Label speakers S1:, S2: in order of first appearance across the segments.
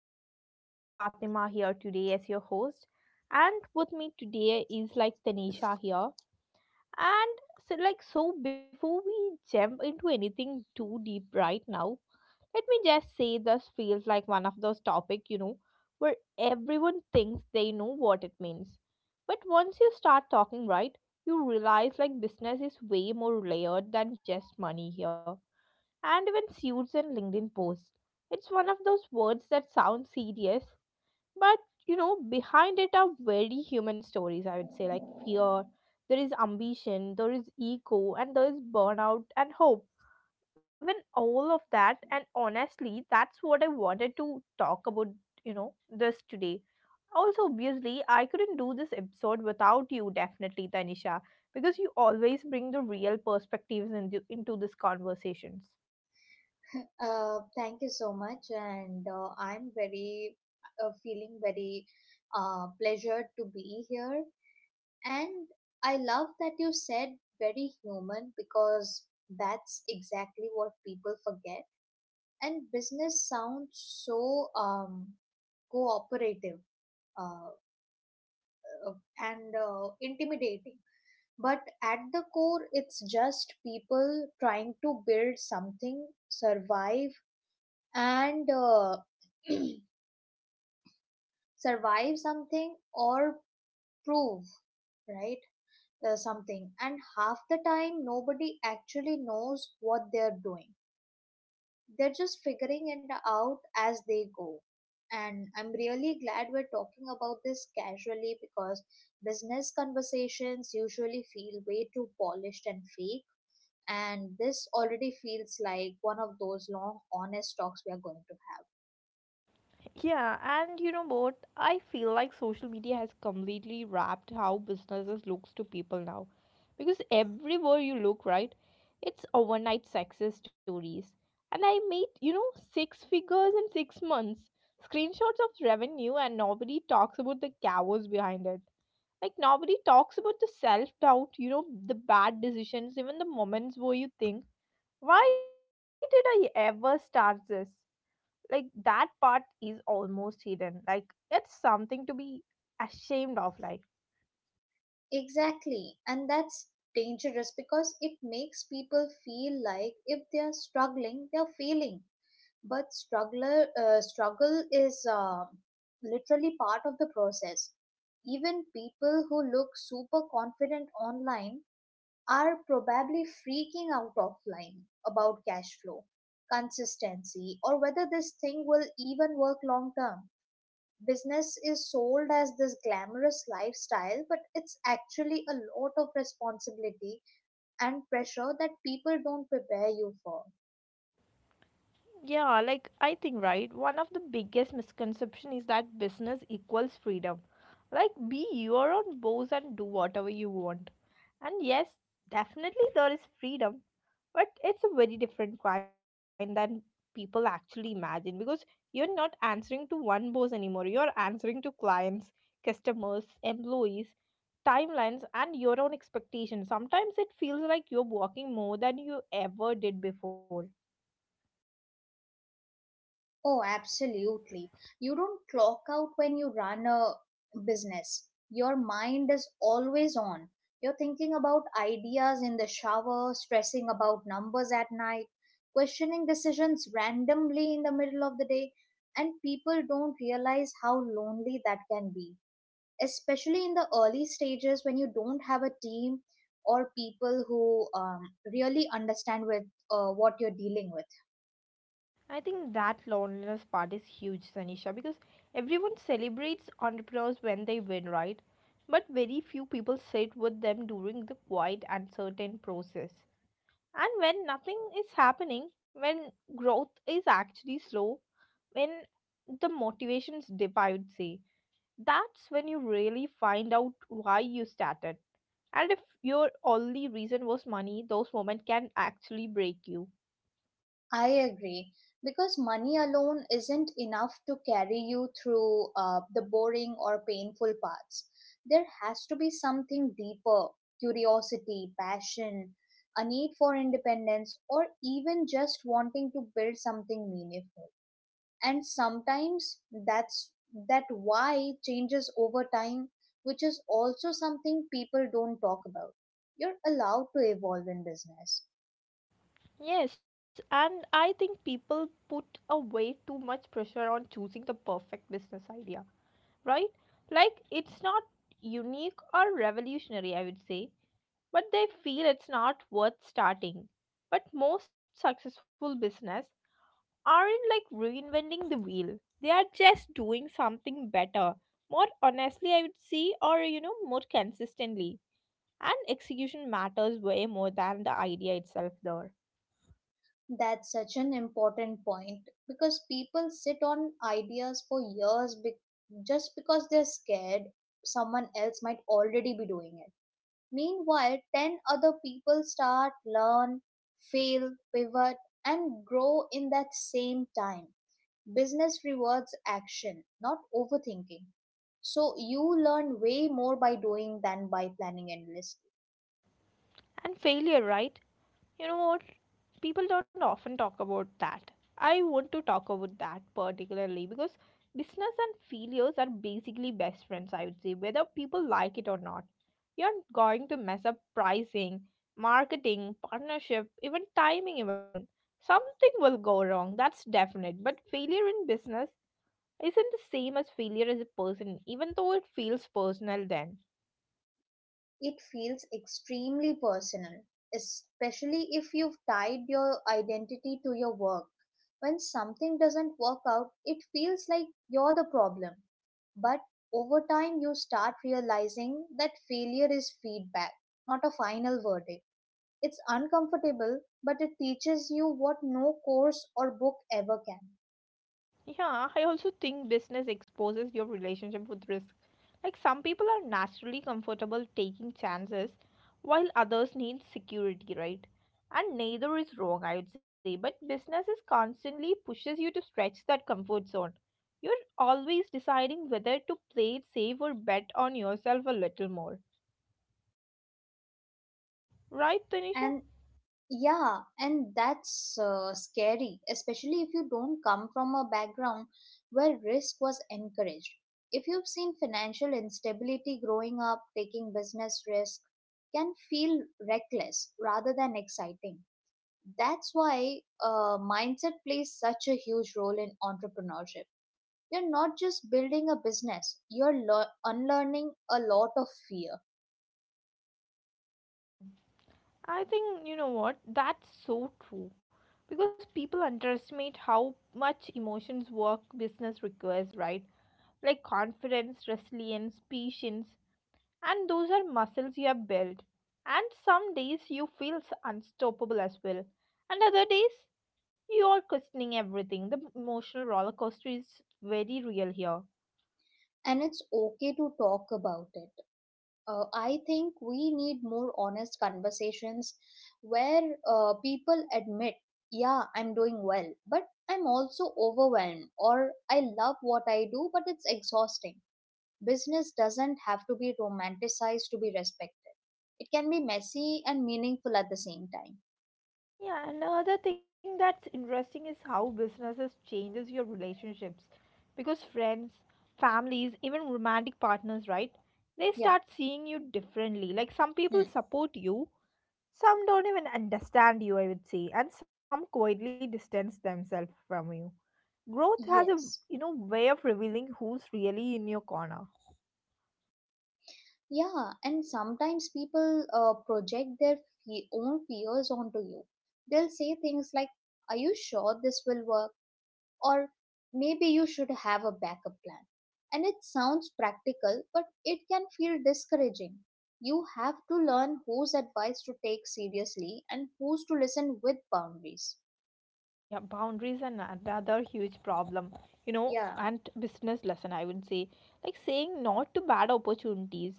S1: And this is Fatima here today as your host. And with me today is like Tanisha here. And so before we jump into anything too deep right now, let me just say this feels like one of those topics, where everyone thinks they know what it means. But once you start talking, right, you realize like business is way more layered than just money here and even suits and LinkedIn posts. It's one of those words that sound serious, but behind it are very human stories, I would say, like fear, there is ambition, there is ego, and there is burnout and hope. When all of that, and honestly, that's what I wanted to talk about, this today. Also, obviously, I couldn't do this episode without you, definitely, Tanisha, because you always bring the real perspectives into these conversations.
S2: Thank you so much, and I'm very feeling very pleasured to be here. And I love that you said very human because that's exactly what people forget. And business sounds so cooperative uh, uh, and intimidating, but at the core, it's just people trying to build something, survive, and survive something or prove right something. And half the time nobody actually knows what they're doing. They're just figuring it out as they go. And I'm really glad we're talking about this casually, because business conversations usually feel way too polished and fake, and this already feels like one of those long, honest talks we are going to have.
S1: Yeah, and you know what? I feel like social media has completely wrapped how businesses looks to people now. Because everywhere you look, right, it's overnight success stories. And I made, six figures in 6 months, screenshots of revenue, and nobody talks about the chaos behind it. Like nobody talks about the self doubt, the bad decisions, even the moments where you think, why did I ever start this? Like that part is almost hidden, like it's something to be ashamed of, like.
S2: Exactly. And that's dangerous because it makes people feel like if they are struggling, they are failing. But struggle is literally part of the process. Even people who look super confident online are probably freaking out offline about cash flow, consistency, or whether this thing will even work long term. Business is sold as this glamorous lifestyle, but it's actually a lot of responsibility and pressure that people don't prepare you for.
S1: Yeah, like I think, right, one of the biggest misconception is that business equals freedom. Like be your own boss and do whatever you want. And yes, definitely there is freedom, but it's a very different kind than people actually imagine, because you're not answering to one boss anymore, you're answering to clients, customers, employees, timelines, and your own expectations. Sometimes it feels like you're walking more than you ever did before.
S2: Oh, absolutely. You don't clock out when you run a business. Your mind is always on. You're thinking about ideas in the shower, stressing about numbers at night, questioning decisions randomly in the middle of the day, and people don't realize how lonely that can be, especially in the early stages when you don't have a team or people who really understand with what you're dealing with.
S1: I think that loneliness part is huge, Sanisha, because everyone celebrates entrepreneurs when they win, right? But very few people sit with them during the quiet, uncertain process. And when nothing is happening, when growth is actually slow, when the motivation's dip, I would say, that's when you really find out why you started. And if your only reason was money, those moments can actually break you.
S2: I agree, because money alone isn't enough to carry you through the boring or painful parts. There has to be something deeper: curiosity, passion, a need for independence, or even just wanting to build something meaningful. And sometimes that's that why changes over time, which is also something people don't talk about. You're allowed to evolve in business.
S1: Yes, and I think people put a way too much pressure on choosing the perfect business idea, right? Like it's not unique or revolutionary, I would say, but they feel it's not worth starting. But most successful business aren't like reinventing the wheel. They are just doing something better, more honestly, I would say, or more consistently. And execution matters way more than the idea itself there.
S2: That's such an important point, because people sit on ideas for years just because they're scared someone else might already be doing it. Meanwhile 10 other people start, learn, fail, pivot, and grow in that same time. Business rewards action, not overthinking. So you learn way more by doing than by planning endlessly.
S1: And failure, right? You know what, people don't often talk about that. I want to talk about that particularly because business and failures are basically best friends, I would say, whether people like it or not. You're going to mess up pricing, marketing, partnership, even timing, even something will go wrong. That's definite. But failure in business isn't the same as failure as a person, even though it feels personal then.
S2: It feels extremely personal, especially if you've tied your identity to your work. When something doesn't work out, it feels like you're the problem. But over time, you start realizing that failure is feedback, not a final verdict. It's uncomfortable, but it teaches you what no course or book ever can.
S1: Yeah, I also think business exposes your relationship with risk. Like some people are naturally comfortable taking chances while others need security, right? And neither is wrong, I would say, but business is constantly pushes you to stretch that comfort zone. You're always deciding whether to play it safe or bet on yourself a little more. Right, Tanisha?
S2: And yeah, and that's scary, especially if you don't come from a background where risk was encouraged. If you've seen financial instability growing up, taking business risk can feel reckless rather than exciting. That's why mindset plays such a huge role in entrepreneurship. You're not just building a business, you're unlearning a lot of fear.
S1: I think you know what? That's so true. Because people underestimate how much emotions work business requires, right? Like confidence, resilience, patience, and those are muscles you have built. And some days you feel unstoppable as well. And other days you are questioning everything. The emotional roller coaster is very real here.
S2: And it's okay to talk about it. I think we need more honest conversations where people admit, yeah, I'm doing well, but I'm also overwhelmed, or I love what I do, but it's exhausting. Business doesn't have to be romanticized to be respected, it can be messy and meaningful at the same time.
S1: Yeah, and another thing that's interesting is how businesses changes your relationships, because friends, families, even romantic partners, right? They
S2: Yeah.
S1: start seeing you differently. Like some people
S2: Hmm.
S1: support you, some don't even understand you, I would say, and some quietly distance themselves from you. Growth has a,
S2: Yes.
S1: way of revealing who's really in your corner.
S2: Yeah, and sometimes people project their own fears onto you. They'll say things like, are you sure this will work? Or, maybe you should have a backup plan. And it sounds practical, but it can feel discouraging. You have to learn whose advice to take seriously and whose to listen with boundaries.
S1: Yeah, boundaries are another huge problem,
S2: Yeah,
S1: and business lesson, I would say. Like saying not to bad opportunities,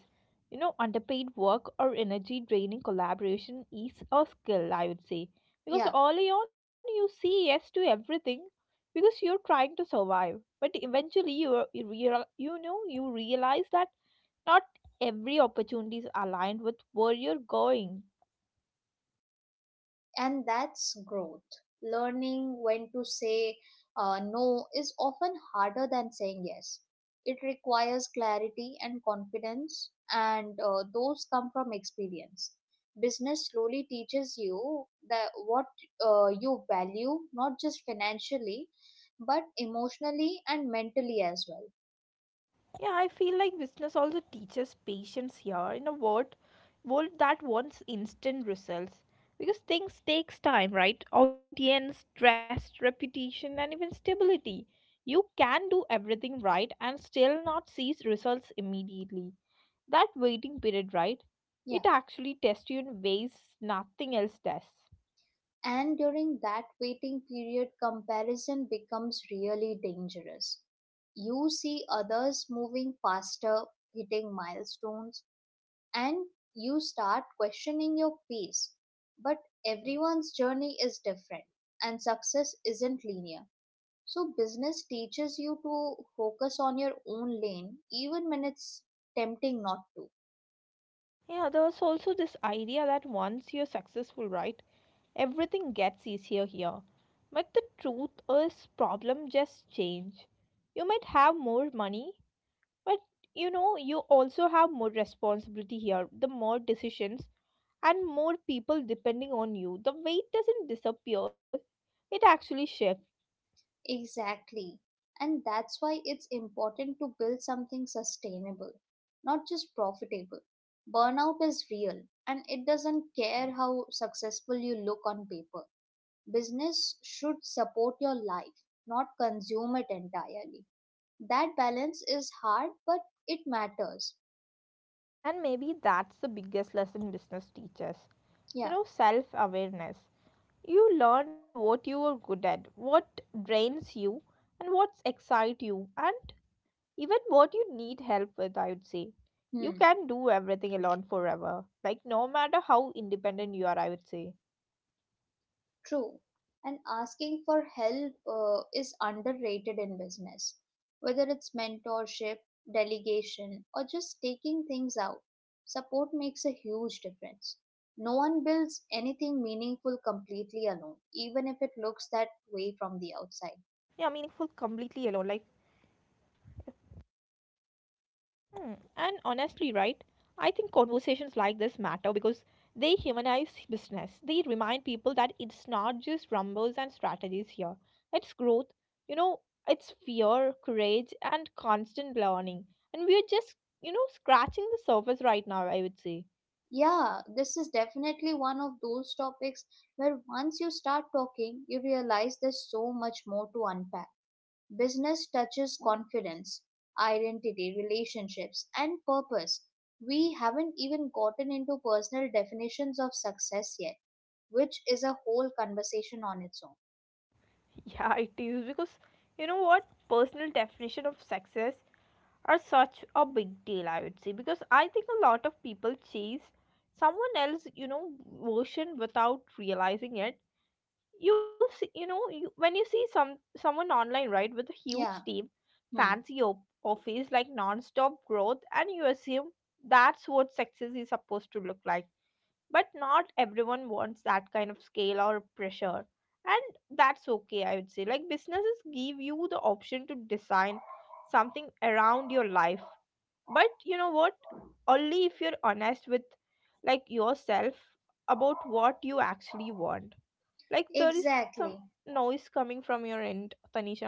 S1: underpaid work or energy draining collaboration is a skill, I would say. Because
S2: yeah.
S1: early on, you say yes to everything because you're trying to survive. But eventually, you realize that not every opportunity is aligned with where you're going.
S2: And that's growth. Learning when to say no is often harder than saying yes. It requires clarity and confidence, and those come from experience. Business slowly teaches you that what you value, not just financially, but emotionally and mentally as well.
S1: Yeah, I feel like business also teaches patience here in a word world that wants instant results. Because things takes time, right? Audience, trust, reputation, and even stability. You can do everything right and still not see results immediately. That waiting period, right?
S2: Yeah.
S1: It actually tests you in ways nothing else does.
S2: And during that waiting period, comparison becomes really dangerous. You see others moving faster, hitting milestones, and you start questioning your pace. But everyone's journey is different, and success isn't linear. So business teaches you to focus on your own lane, even when it's tempting not to.
S1: Yeah, there's also this idea that once you're successful, right, everything gets easier here. But the truth is, problem just change. You might have more money, but you also have more responsibility here, the more decisions and more people depending on you. The weight doesn't disappear, it actually shifts.
S2: Exactly. And that's why it's important to build something sustainable, not just profitable. Burnout is real, and it doesn't care how successful you look on paper. Business should support your life, not consume it entirely. That balance is hard, but it matters.
S1: And maybe that's the biggest lesson business teaches.
S2: Yeah.
S1: Self awareness. You learn what you are good at, what drains you, and what excites you, and even what you need help with, I would say. You
S2: Hmm.
S1: can do everything alone forever. Like, no matter how independent you are, I would say.
S2: True. And asking for help is underrated in business, whether it's mentorship, delegation, or just taking things out. Support makes a huge difference. No one builds anything meaningful completely alone,
S1: Yeah,
S2: even if
S1: meaningful
S2: it looks that
S1: completely
S2: way
S1: alone.
S2: from
S1: Like,
S2: the outside.
S1: hmm, and honestly, right? I think conversations like this matter because they humanize business. They remind people that it's not just numbers and strategies here. It's growth, you know, it's fear, courage, and constant learning. And we're just, scratching the surface right now, I would say.
S2: Yeah, this is definitely one of those topics where once you start talking, you realize there's so much more to unpack. Business touches confidence, identity, relationships, and purpose. We haven't even gotten into personal definitions of success yet, which is a whole conversation on its own.
S1: Yeah, it is because, personal definition of success are such a big deal, I would say. Because I think a lot of people chase someone else, version without realizing it. You see, when you see someone online, right, with a huge
S2: Yeah,
S1: team,
S2: hmm.
S1: fancy office, like non-stop growth, and you assume that's what success is supposed to look like. But not everyone wants that kind of scale or pressure. And that's okay, I would say. Like businesses give you the option to design something around your life. But you know what only if you're honest with, like, yourself about what you actually want. Like there is some
S2: Exactly.
S1: noise coming from your end, Tanisha.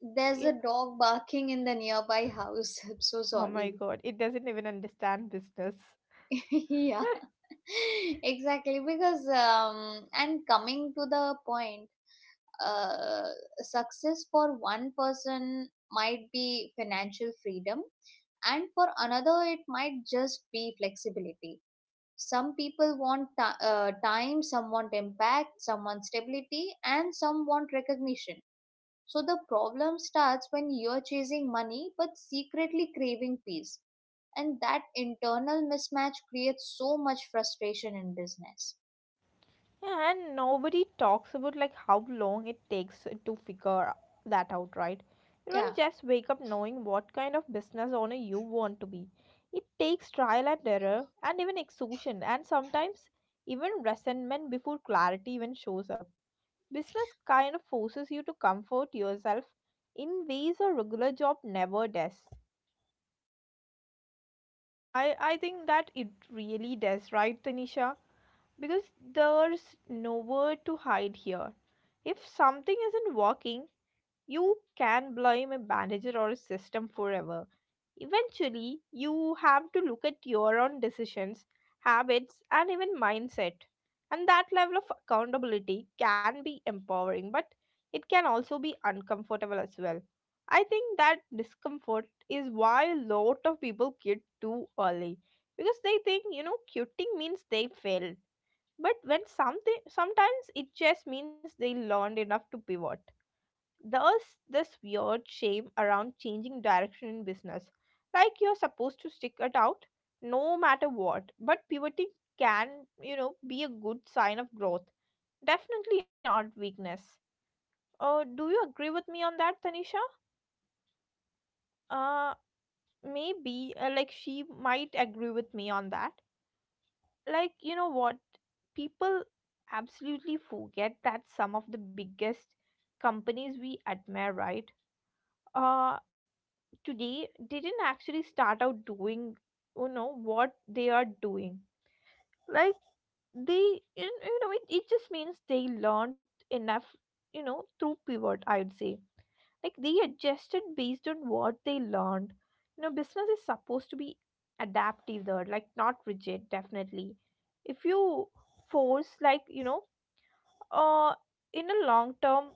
S2: There's
S1: Yeah.
S2: a dog barking in the nearby house. I'm so
S1: Oh my
S2: sorry.
S1: god, it doesn't even understand business.
S2: Yeah. Exactly. because and Coming to the point, uh success for one person might be financial freedom, and for another it might just be flexibility. Some people want time, some want impact, some want stability, and some want recognition. So the problem starts when you're chasing money but secretly craving peace, and that internal mismatch creates so much frustration in business.
S1: And nobody talks about like how long it takes to figure that out, right? You
S2: Yeah.
S1: don't just wake up knowing what kind of business owner you want to be. It takes trial and error and even exhaustion and sometimes even resentment before clarity even shows up. Business kind of forces you to comfort yourself in ways a regular job never does. I think that it really does, right, Tanisha? Because there's nowhere to hide here. If something isn't working, you can blame a manager or a system forever. Eventually, you have to look at your own decisions, habits, and even mindset. And that level of accountability can be empowering, but it can also be uncomfortable as well. I think that discomfort is why a lot of people quit too early, because they think, quitting means they failed. But when something sometimes it just means they learned enough to pivot. There's this weird shame around changing direction in business, like you're supposed to stick it out no matter what. But pivoting can, be a good sign of growth, definitely not weakness. Do you agree with me on that, Tanisha? Uh, Maybe, like, she might agree with me on that. Like, you know what? People absolutely forget that some of the biggest companies we admire, right? Uh, Today didn't actually start out doing you know what they are doing. Like they, you know it, it just means they learned enough, through pivot, I would say. Like they adjusted based on what they learned. Business is supposed to be adaptive there, like not rigid definitely. If you force, like, uh, in a long term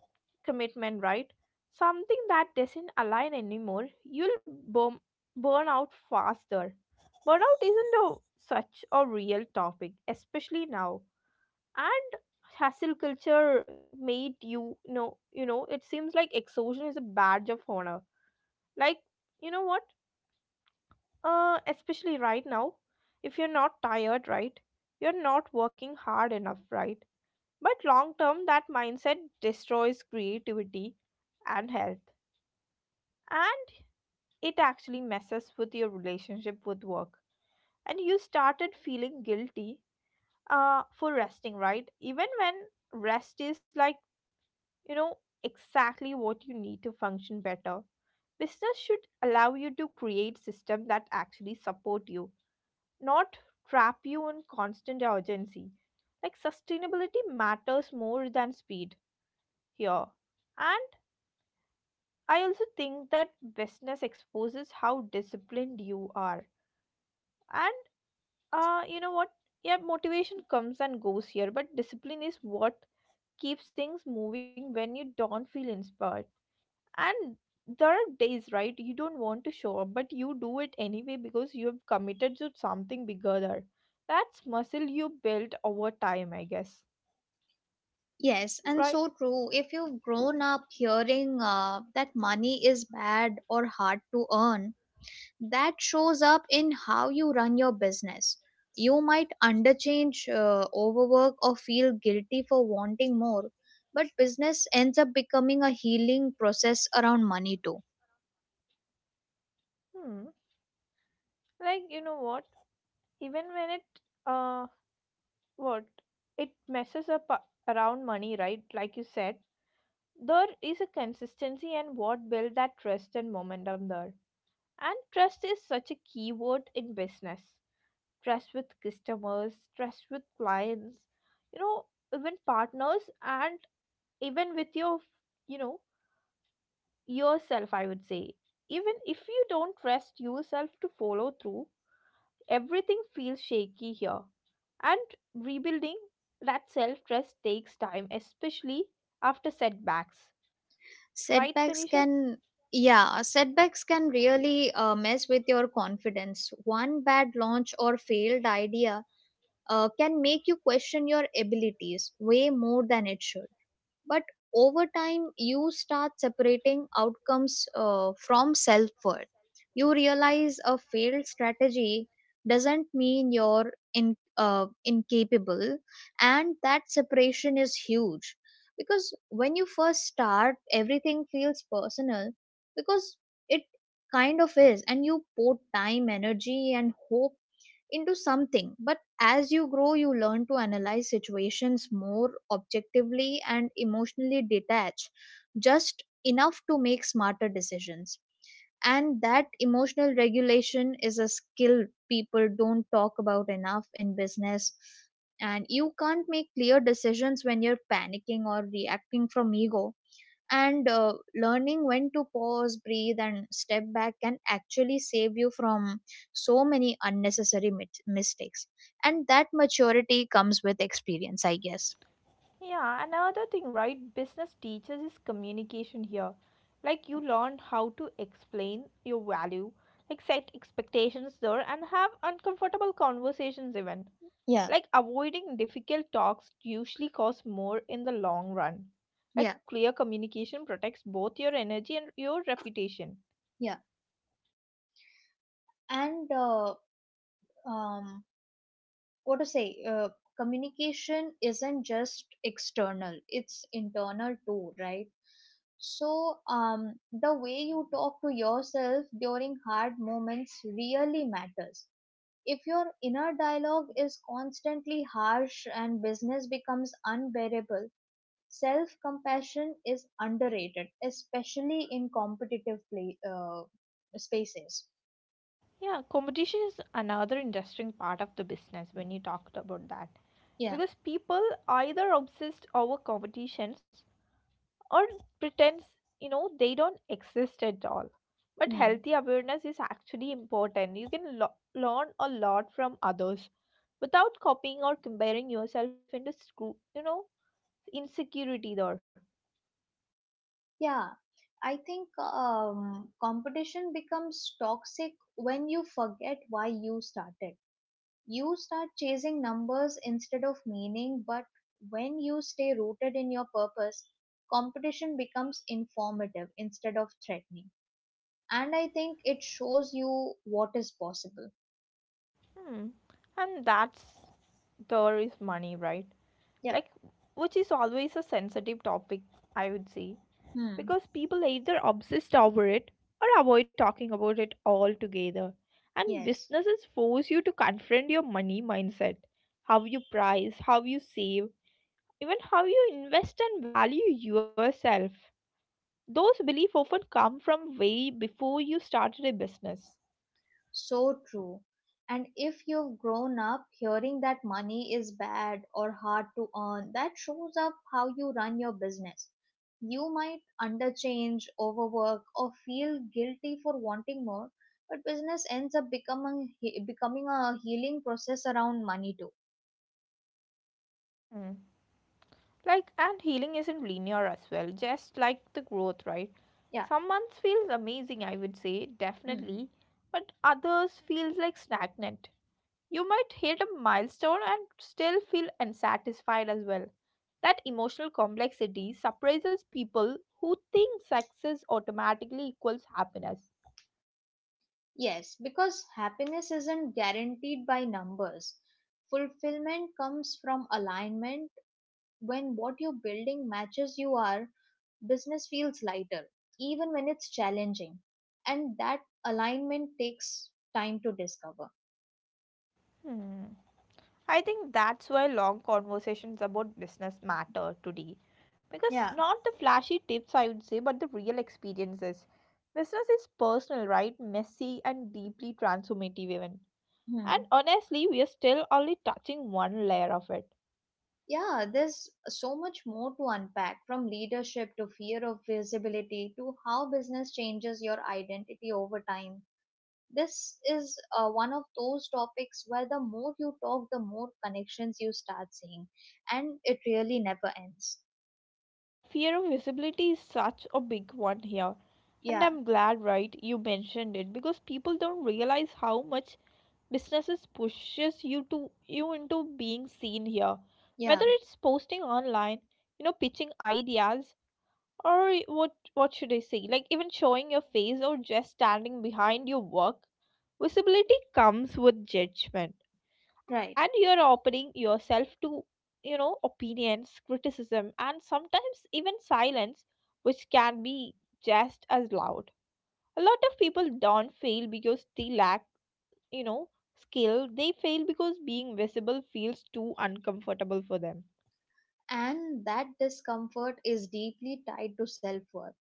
S1: commitment, right? Something that doesn't align anymore, you'll burn out faster. Burnout isn't a, such a real topic, especially now. And hassle culture made you, it seems like exhaustion is a badge of honor. Like, you know what? Especially right now, if you're not tired, right? You're not working hard enough, right? But long term, that mindset destroys creativity and health. And it actually messes with your relationship with work. And you started feeling guilty for resting, right? Even when rest is like, you know, exactly what you need to function better. Business should allow you to create systems that actually support you, not trap you in constant urgency. Like sustainability matters more than speed here. And I also think that business exposes how disciplined you are. And you know what? Yeah, motivation comes and goes here, but discipline is what keeps things moving when you don't feel inspired. And there are days, right? You don't want to show up, but you do it anyway because you have committed to something bigger. There. That's muscle you build over time, I guess.
S2: Yes, and
S1: Right?
S2: so true. If you've grown up hearing that money is bad or hard to earn, that shows up in how you run your business. You might underchange, overwork, or feel guilty for wanting more, but business ends up becoming a healing process around money too.
S1: Hmm. Like you know what? Even when it uh what it messes up a- Around money, right? Like you said, there is a consistency and what build that trust and momentum there. And trust is such a key word in business. Trust with customers, trust with clients, you know, even partners and even with your you know yourself, I would say. Even if you don't trust yourself to follow through, everything feels shaky here. And rebuilding that self trust takes time, especially after setbacks. Right,
S2: Setbacks
S1: Tanisha?
S2: can Yeah, setbacks can really mess with your confidence. One bad launch or failed idea can make you question your abilities way more than it should. But over time you start separating outcomes from self worth. You realize a failed strategy doesn't mean you're incapable, and that separation is huge. Because when you first start, everything feels personal, because it kind of is, and you pour time, energy, and hope into something. But as you grow, you learn to analyze situations more objectively and emotionally detach just enough to make smarter decisions. And that emotional regulation is a skill people don't talk about enough in business. And you can't make clear decisions when you're panicking or reacting from ego. And learning when to pause, breathe, and step back can actually save you from so many unnecessary mistakes. And that maturity comes with experience, I guess.
S1: Yeah, another thing, right? Business teaches is communication here. Like you learn how to explain your value, like set expectations there and have uncomfortable conversations even.
S2: Yeah.
S1: Like avoiding difficult talks usually costs more in the long run.
S2: yeah
S1: Like clear communication protects both your energy and your reputation.
S2: yeah, and um what to say, uh, communication isn't just external, it's internal too, right? So um the way you talk to yourself during hard moments really matters. If your inner dialogue is constantly harsh, and business becomes unbearable, self compassion is underrated, especially in competitive spaces.
S1: Yeah, competition is another interesting part of the business when you talked about that.
S2: Yeah.
S1: Because people either obsessed over competition or pretends you know they don't exist at all, but
S2: Hmm.
S1: healthy awareness is actually important. You can learn a lot from others without copying or comparing yourself into screw, you know, insecurity there.
S2: Yeah, I think competition becomes toxic when you forget why you started. You start chasing numbers instead of meaning, but when you stay rooted in your purpose, competition becomes informative instead of threatening. And I think it shows you what is possible.
S1: Hmm. And that's, there is money, right?
S2: Yep.
S1: Like, which is always a sensitive topic, I would say,
S2: Hmm.
S1: because people either obsess over it or avoid talking about it altogether. And
S2: Yes.
S1: businesses force you to confront your money mindset, how you price, how you save, even how you invest and value yourself. Those beliefs often come from way before you started a business.
S2: So true. And if you've grown up hearing that money is bad or hard to earn, that shows up how you run your business. You might underchange, overwork, or feel guilty for wanting more, but business ends up becoming a healing process around money too.
S1: Hmm. Like, and healing isn't linear as well, just like the growth, right?
S2: Yeah.
S1: Some months feels amazing, I would say,
S2: Hmm.
S1: definitely, but others feels like stagnant. You might hit a milestone and still feel unsatisfied as well. That emotional complexity surprises people who think success automatically equals happiness.
S2: Yes, because happiness isn't guaranteed by numbers. Fulfillment comes from alignment. When what you're building matches you are, business feels lighter, even when it's challenging. And that alignment takes time to discover.
S1: Hmm. I think that's why long conversations about business matter today. Because
S2: Yeah.
S1: not the flashy tips, I would say, but the real experiences. Business is personal, right? Messy and deeply transformative, even. And
S2: Hmm.
S1: honestly, we are still only touching one layer of it.
S2: Yeah, there's so much more to unpack, from leadership to fear of visibility to how business changes your identity over time. This is one of those topics where the more you talk, the more connections you start seeing, and it really never ends.
S1: Fear of visibility is such a big one here. And
S2: Yeah,
S1: I'm glad, right, you mentioned it because people don't realize how much businesses pushes you to you into being seen here.
S2: yeah,
S1: Whether it's posting online, you know, pitching ideas, or what should I say? Like even showing your face or just standing behind your work, visibility comes with judgment, and
S2: right.
S1: you're opening yourself to, you know, opinions, criticism, and sometimes even silence, which can be just as loud. A lot of people don't fail because they lack, you know, skill. They fail because being visible feels too uncomfortable for them.
S2: And that discomfort is deeply tied to self worth.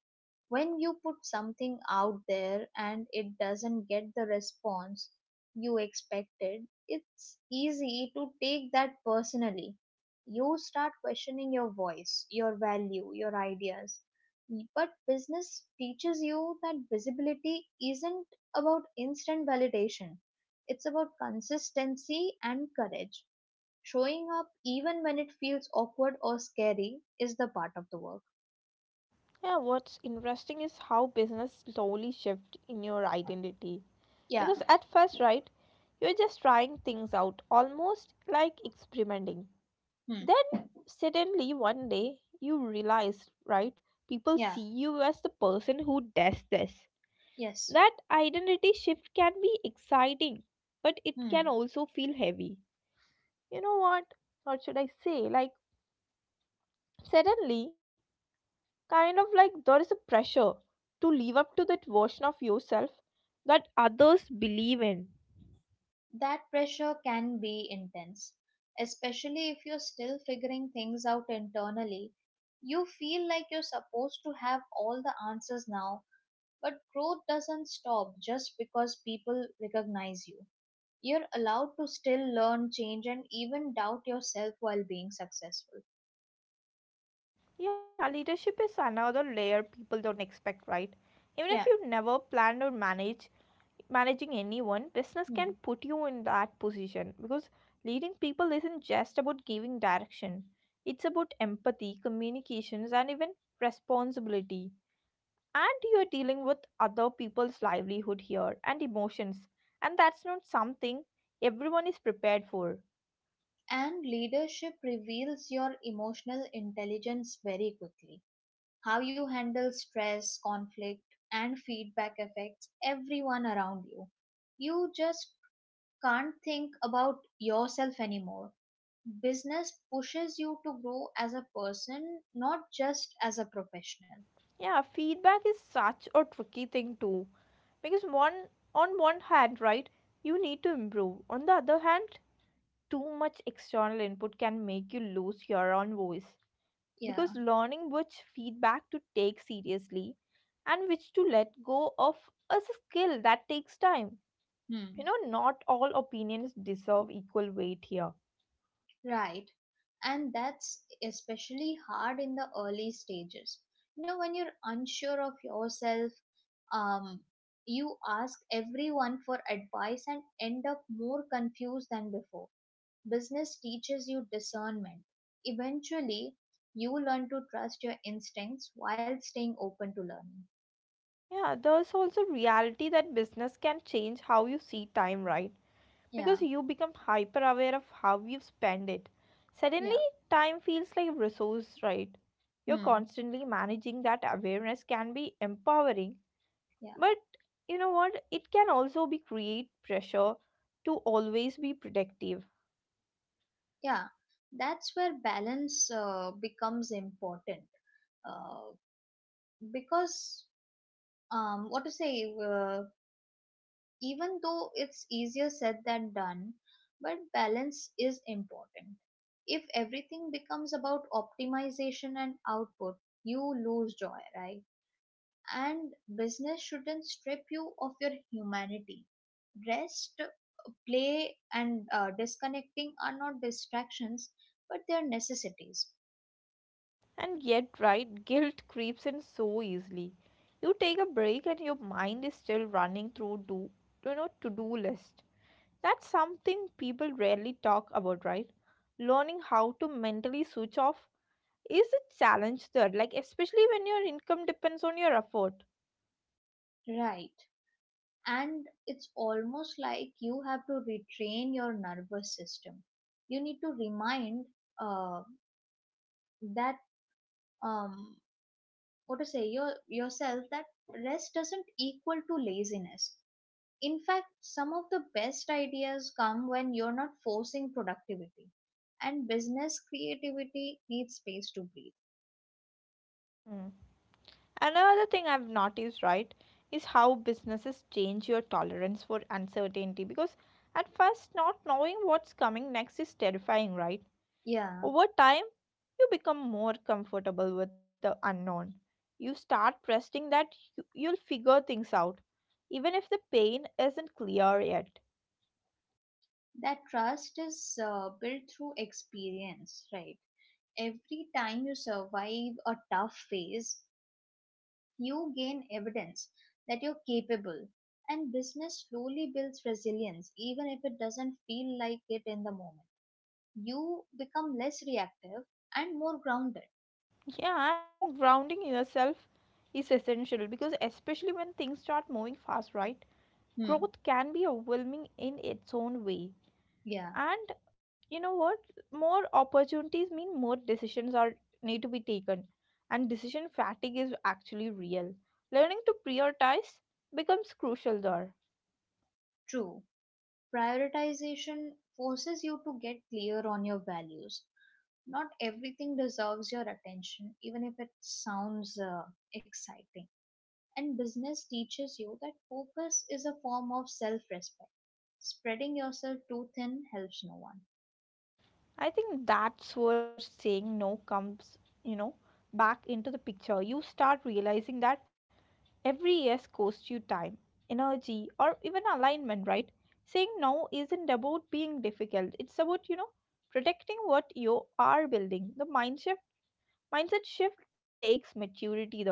S2: When you put something out there and it doesn't get the response you expected, it's easy to take that personally. You start questioning your voice, your value, your ideas. But business teaches you that visibility isn't about instant validation, it's about consistency and courage. Showing up even when it feels awkward or scary is the part of the work.
S1: Yeah, what's interesting is how business slowly shift in your identity,
S2: Yeah.
S1: because at first, right, you're just trying things out, almost like experimenting.
S2: Hmm.
S1: Then suddenly one day you realize, right? People
S2: Yeah.
S1: see you as the person who does this.
S2: Yes.
S1: That identity shift can be exciting, but it can
S2: Hmm.
S1: also feel heavy. You know what? Or should I say, like, suddenly, kind of like there is a pressure to live up to that version of yourself that others believe in.
S2: That pressure can be intense, especially if you're still figuring things out internally. You feel like you're supposed to have all the answers now, but growth doesn't stop just because people recognize you. You're allowed to still learn, change, and even doubt yourself while being successful.
S1: Yeah, leadership is another layer people don't expect, right? Even
S2: Yeah.
S1: if you never planned or managed managing anyone, business
S2: Hmm.
S1: can put you in that position because leading people isn't just about giving direction. It's about empathy, communications, and even responsibility. And you're dealing with other people's livelihood here and emotions. And that's not something everyone is prepared for.
S2: And leadership reveals your emotional intelligence very quickly. How you handle stress, conflict, and feedback affects everyone around you. You just can't think about yourself anymore. Business pushes you to grow as a person, not just as a professional.
S1: Yeah, feedback is such a tricky thing too. Because one on one hand, right, you need to improve. On the other hand, too much external input can make you lose your own voice.
S2: Yeah.
S1: Because learning which feedback to take seriously and which to let go of is a skill that takes time. You
S2: Hmm.
S1: know, not all opinions deserve equal weight here.
S2: Right. And that's especially hard in the early stages. You know, when you're unsure of yourself, um, you ask everyone for advice and end up more confused than before. Business teaches you discernment. Eventually, you learn to trust your instincts while staying open to learning.
S1: Yeah, there's also reality that business can change how you see time, right?
S2: Yeah,
S1: Because you become hyper aware of how you spend it. Suddenly,
S2: yeah,
S1: time feels like a resource, right? You're
S2: hmm,
S1: constantly managing that awareness. Can be empowering.
S2: yeah,
S1: But you know what? It can also be create pressure to always be protective.
S2: yeah. That's where balance becomes important, uh, because what to say? Even though it's easier said than done, but balance is important. If everything becomes about optimization and output, you lose joy, right? And business shouldn't strip you of your humanity. Rest, play, and disconnecting are not distractions, but they are necessities.
S1: And yet, right, guilt creeps in so easily. You take a break and your mind is still running through, do you know to-do list. That's something people rarely talk about, right? Learning how to mentally switch off is a challenge there, like especially when your income depends on your effort.
S2: Right. And it's almost like you have to retrain your nervous system. You need to remind uh, that um, what to say your yourself that rest doesn't equal to laziness. In fact, some of the best ideas come when you're not forcing productivity, and business creativity needs space to breathe.
S1: Another thing I've noticed, right, is how businesses change your tolerance for uncertainty, because at first, not knowing what's coming next is terrifying, right?
S2: Yeah,
S1: Over time, you become more comfortable with the unknown. You start trusting that you'll figure things out, even if the pain isn't clear yet.
S2: that trust is built through experience, right? Every time you survive a tough phase, you gain evidence that you're capable, and business slowly builds resilience, even if it doesn't feel like it in the moment. You become less reactive and more grounded.
S1: Yeah, and grounding yourself is essential because, especially when things start moving fast, right?
S2: Hmm.
S1: Growth can be overwhelming in its own way,
S2: Yeah,
S1: and you know what, more opportunities mean more decisions are need to be taken, and decision fatigue is actually real. Learning to prioritize becomes crucial there.
S2: true. Prioritization forces you to get clear on your values. Not everything deserves your attention, even if it sounds exciting. And business teaches you that focus is a form of self respect. Spreading yourself too thin helps no one.
S1: I think that's where saying no comes, you know, back into the picture. You start realizing that every yes costs you time, energy, or even alignment, right? Saying no isn't about being difficult. It's about, you know, protecting what you are building. The mindset shift takes maturity there.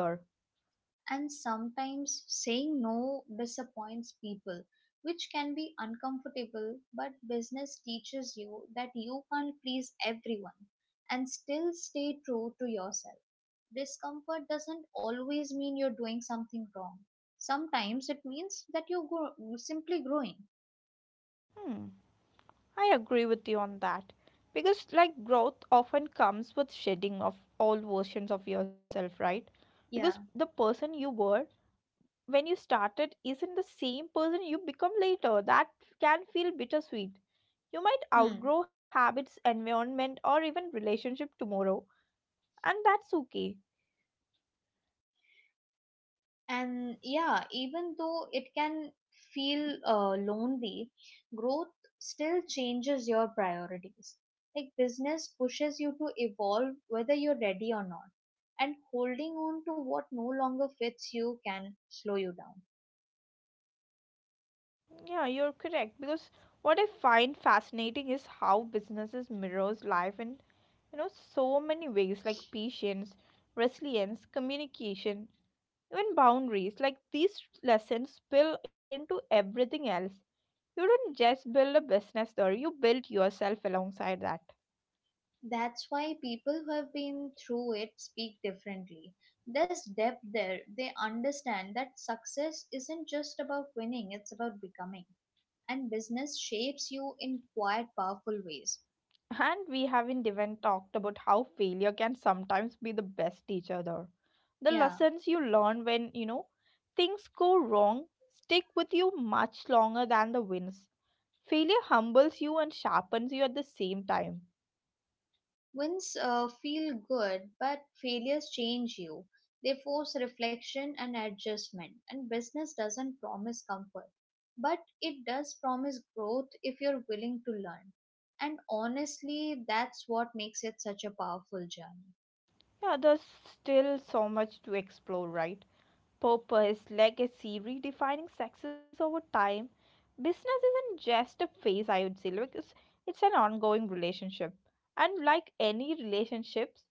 S2: And sometimes saying no disappoints people, which can be uncomfortable, but business teaches you that you can't please everyone and still stay true to yourself. Discomfort doesn't always mean you're doing something wrong. Sometimes it means that simply growing.
S1: Hmm, I agree with you on that. Because like growth often comes with shedding of all versions of yourself, right? Because
S2: Yeah.
S1: the person you were when you started isn't the same person you become later. That can feel bittersweet. You might
S2: Hmm.
S1: outgrow habits, environment, or even relationship tomorrow, and that's okay.
S2: And yeah, even though it can feel lonely, growth still changes your priorities. Like business pushes you to evolve whether you're ready or not. And holding on to what no longer fits you can slow you down.
S1: Yeah, you're correct, because what I find fascinating is how businesses mirrors life in, you know, so many ways, like patience, resilience, communication, even boundaries. Like these lessons spill into everything else. You don't just build a business there, you build yourself alongside that.
S2: That's why people who have been through it speak differently. There's depth there. They understand that success isn't just about winning, it's about becoming, and business shapes you in quite powerful ways.
S1: And we haven't even talked about how failure can sometimes be the best teacher there. The
S2: Yeah,
S1: lessons you learn when, you know, things go wrong stick with you much longer than the wins. Failure humbles you and sharpens you at the same time.
S2: wins feel good, but failures change you. They force reflection and adjustment, and business doesn't promise comfort, but it does promise growth if you're willing to learn. And honestly, that's what makes it such a powerful journey.
S1: Yeah, there's still so much to explore, right? Popper is legacy redefining success over time. Business isn't just a phase, I would say, like it's an ongoing relationship. And like any relationships,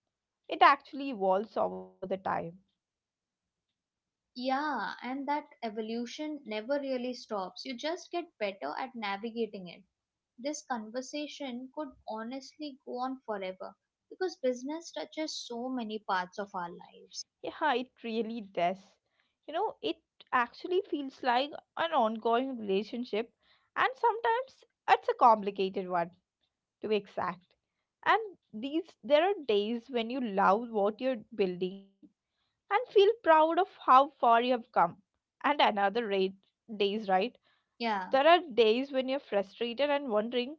S1: it actually evolves over the time.
S2: Yeah, and that evolution never really stops. You just get better at navigating it. This conversation could honestly go on forever because business touches so many parts of our lives.
S1: Yeah, it really does. You know, it actually feels like an ongoing relationship, and sometimes it's a complicated one, to be exact. And these there are days when you love what you're building and feel proud of how far you have come. And another rate days, right?
S2: Yeah,
S1: There are days when you're frustrated and wondering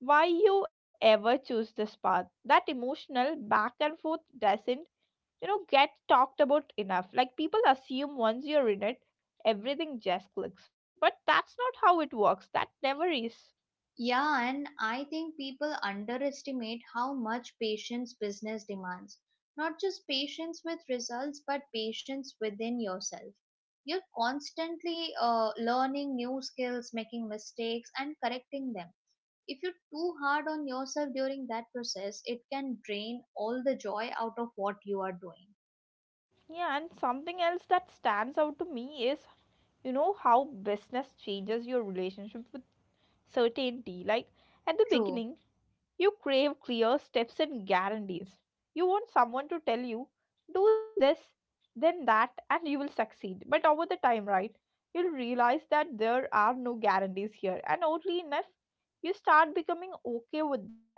S1: why you ever choose this path. That emotional back and forth doesn't, you know, get talked about enough. Like people assume once you're in it, everything just clicks. But that's not how it works. That never is.
S2: yeah, and I think people underestimate how much patience business demands. Not just patience with results, but patience within yourself. You're constantly learning new skills, making mistakes, and correcting them. If you're too hard on yourself during that process, it can drain all the joy out of what you are doing.
S1: Yeah, and something else that stands out to me is, you know, how business changes your relationship with certainty. Like at the
S2: True.
S1: beginning, you crave clear steps and guarantees. You want someone to tell you, do this, then that, and you will succeed. But over the time, right, you'll realize that there are no guarantees here. And oddly enough, you start becoming okay with that.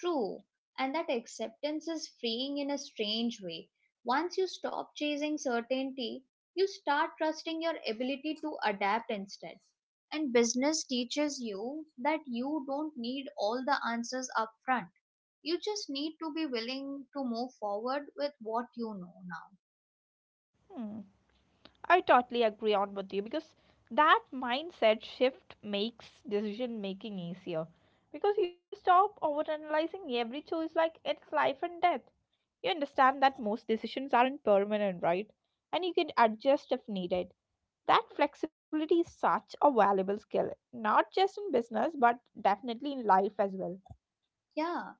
S2: True, and that acceptance is freeing in a strange way. Once you stop chasing certainty, you start trusting your ability to adapt instead. And business teaches you that you don't need all the answers up front. You just need to be willing to move forward with what you know now.
S1: Hmm. I totally agree on with you, because that mindset shift makes decision making easier. Because you stop overanalyzing every choice like it's life and death. You understand that most decisions aren't permanent, right? And you can adjust if needed. That flexibility is such a valuable skill, not just in business, but definitely in life as well.
S2: Yeah.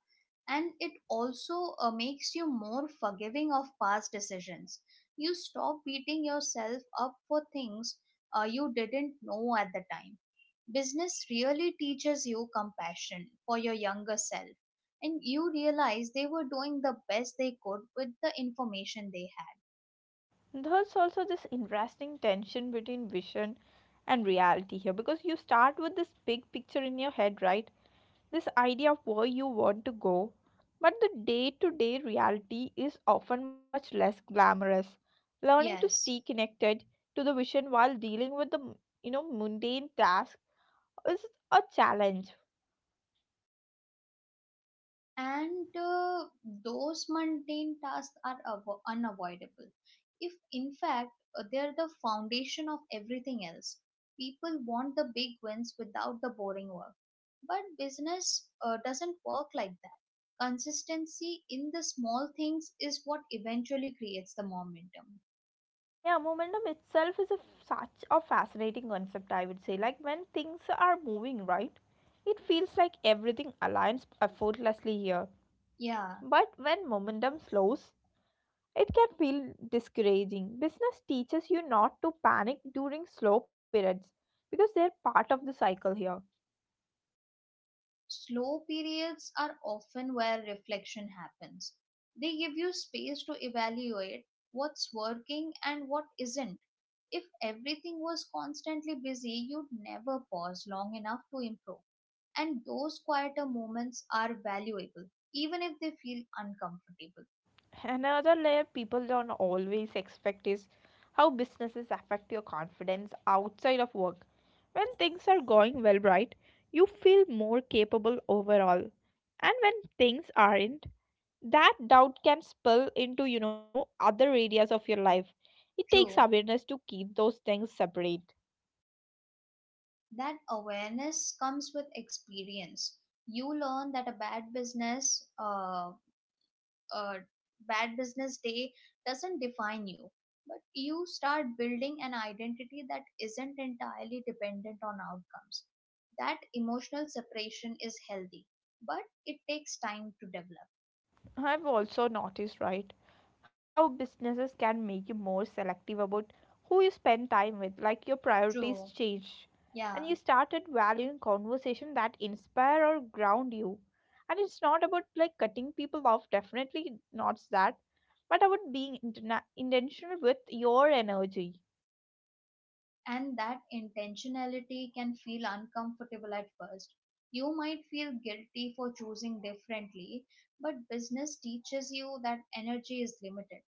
S2: And it also makes you more forgiving of past decisions. You stop beating yourself up for things you didn't know at the time. Business really teaches you compassion for your younger self, and you realize they were doing the best they could with the information they had.
S1: There's also this interesting tension between vision and reality here, because you start with this big picture in your head, right? This idea of where you want to go, but the day to day reality is often much less glamorous. Learning to stay
S2: Yes.
S1: connected to the vision while dealing with the, you know, mundane task is a challenge.
S2: And those mundane tasks are unavoidable. If in fact they're the foundation of everything else. People want the big wins without the boring work, but business doesn't work like that. Consistency in the small things is what eventually creates the momentum.
S1: Yeah, momentum itself is such a fascinating concept, I would say. Like when things are moving right, it feels like everything aligns effortlessly here.
S2: Yeah.
S1: But when momentum slows, it can feel discouraging. Business teaches you not to panic during slow periods because they're part of the cycle here.
S2: Slow periods are often where reflection happens. They give you space to evaluate what's working and what isn't. If everything was constantly busy, you'd never pause long enough to improve. And those quieter moments are valuable, even if they feel uncomfortable.
S1: Another layer people don't always expect is how businesses affect your confidence outside of work. When things are going well, right, you feel more capable overall. And when things aren't, that doubt can spill into, other areas of your life. It takes
S2: True,
S1: awareness to keep those things separate.
S2: that awareness comes with experience. You learn that a bad business day doesn't define you, but you start building an identity that isn't entirely dependent on outcomes. That emotional separation is healthy, but it takes time to develop.
S1: I've also noticed, right, how businesses can make you more selective about who you spend time with, like your priorities
S2: True.
S1: change. And
S2: Yeah.
S1: you started valuing conversation that inspire or ground you. And it's not about like cutting people off, definitely not that, but about being intentional with your energy.
S2: And that intentionality can feel uncomfortable at first. You might feel guilty for choosing differently, but business teaches you that energy is limited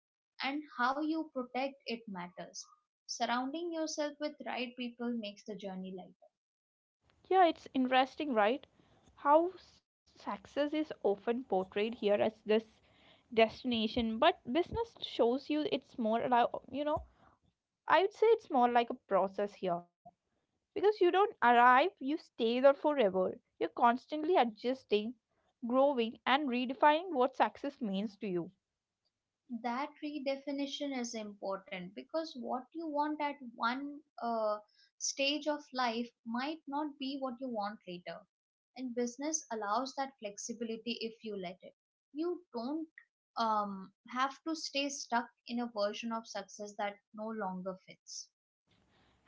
S2: and how you protect it matters. Surrounding yourself with right people makes the journey light.
S1: Yeah, it's interesting, right? How success is often portrayed here as this destination, but business shows you it's more about, you know, I would say it's more like a process here, because you don't arrive, you stay there forever. You're constantly adjusting, growing and redefining what success means to you.
S2: That redefinition is important because what you want at one stage of life might not be what you want later, and business allows that flexibility if you let it. You don't have to stay stuck in a version of success that no longer fits.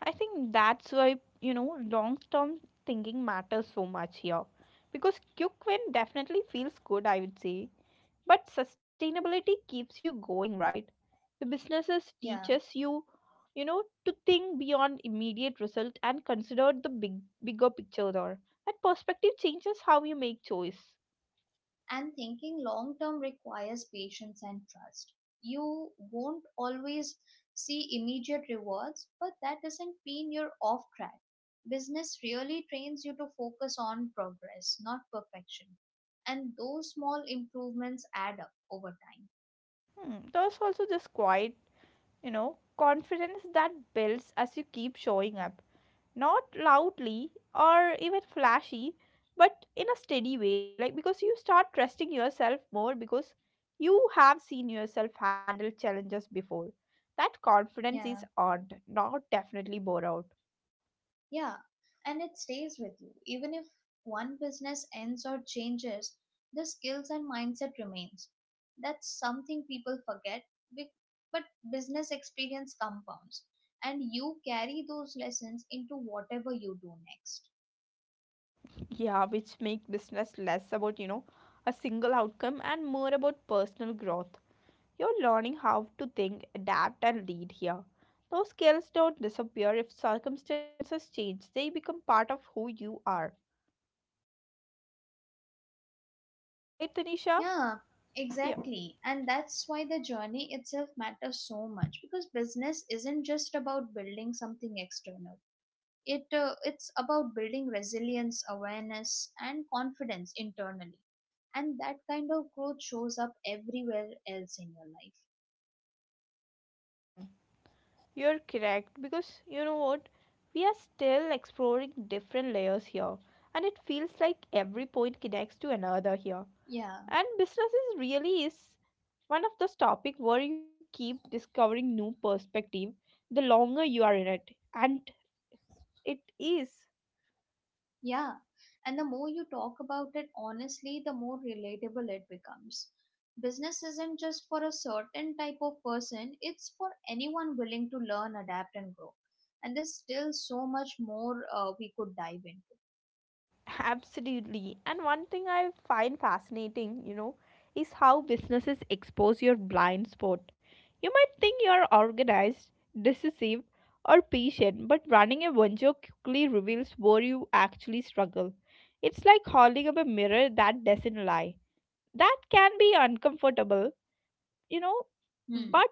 S1: I think that's why, you know, long term thinking matters so much here, because quick win definitely feels good, I would say. But sustainability keeps you going, right? The businesses
S2: Yeah.
S1: teaches you, to think beyond immediate result and consider the bigger picture there. That perspective changes how you make choice.
S2: And thinking long term requires patience and trust. You won't always see immediate rewards, but that doesn't mean you're off track. Business really trains you to focus on progress, not perfection. And those small improvements add up over time.
S1: Hmm, there's also this quiet, confidence that builds as you keep showing up. Not loudly or even flashy, but in a steady way, like because you start trusting yourself more, because you have seen yourself handle challenges before. That confidence is
S2: Yeah,
S1: earned, not definitely bore out.
S2: yeah, and it stays with you. Even if one business ends or changes, the skills and mindset remains. That's something people forget, be- but business experience compounds, and you carry those lessons into whatever you do next.
S1: Yeah, which make business less about, you know, a single outcome and more about personal growth. You're learning how to think, adapt and lead here. Those skills don't disappear if circumstances change, they become part of who you are, right, Tanisha?
S2: Yeah,
S1: Yeah,
S2: exactly. And that's why the journey itself matters so much, because business isn't just about building something external. It's about building resilience, awareness and confidence internally, and that kind of growth shows up everywhere else in your life.
S1: you're correct, because you know what? We are still exploring different layers here, and it feels like every point connects to another here.
S2: Yeah.
S1: And business is really is one of those topics where you keep discovering new perspective the longer you are in it, and it is.
S2: Yeah, and the more you talk about it honestly, the more relatable it becomes. Business isn't just for a certain type of person, it's for anyone willing to learn, adapt and grow. And there's still so much more we could dive into.
S1: Absolutely. And one thing I find fascinating, is how businesses expose your blind spot. You might think you're organized, decisive, or patient, but running a venture quickly reveals where you actually struggle. It's like holding up a mirror that doesn't lie. That can be uncomfortable, you know,
S2: Hmm.
S1: but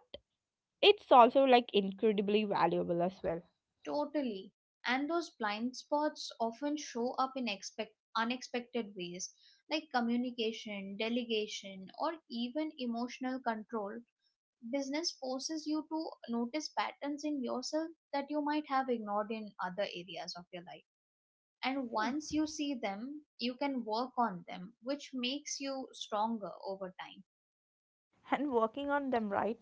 S1: it's also like incredibly valuable as well.
S2: Totally. And those blind spots often show up in unexpected ways, like communication, delegation, or even emotional control. Business forces you to notice patterns in yourself that you might have ignored in other areas of your life. And
S1: Hmm.
S2: once you see them, you can work on them, which makes you stronger over time.
S1: And working on them, right,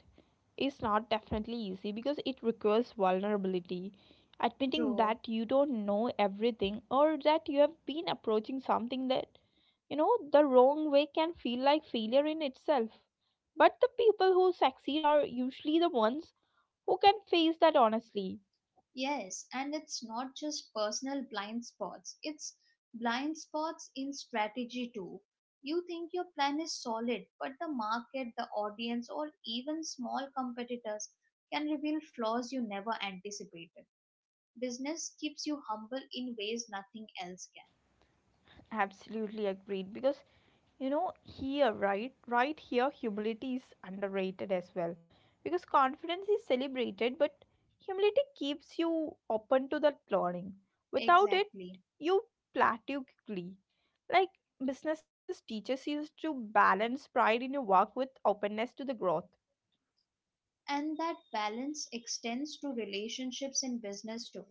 S1: is not definitely easy because it requires vulnerability. Admitting
S2: True.
S1: that you don't know everything or that you have been approaching something that, the wrong way can feel like failure in itself. But the people who succeed are usually the ones who can face that honestly.
S2: Yes, and it's not just personal blind spots, it's blind spots in strategy too. You think your plan is solid, but the market, the audience, or even small competitors can reveal flaws you never anticipated. Business keeps you humble in ways nothing else can.
S1: Absolutely agreed, because you know here, right here humility is underrated as well, because confidence is celebrated, but humility keeps you open to that learning. Without it
S2: Exactly.
S1: you plateau quickly, like businesses teaches you to balance pride in your work with openness to the growth.
S2: And that balance extends to relationships in business too,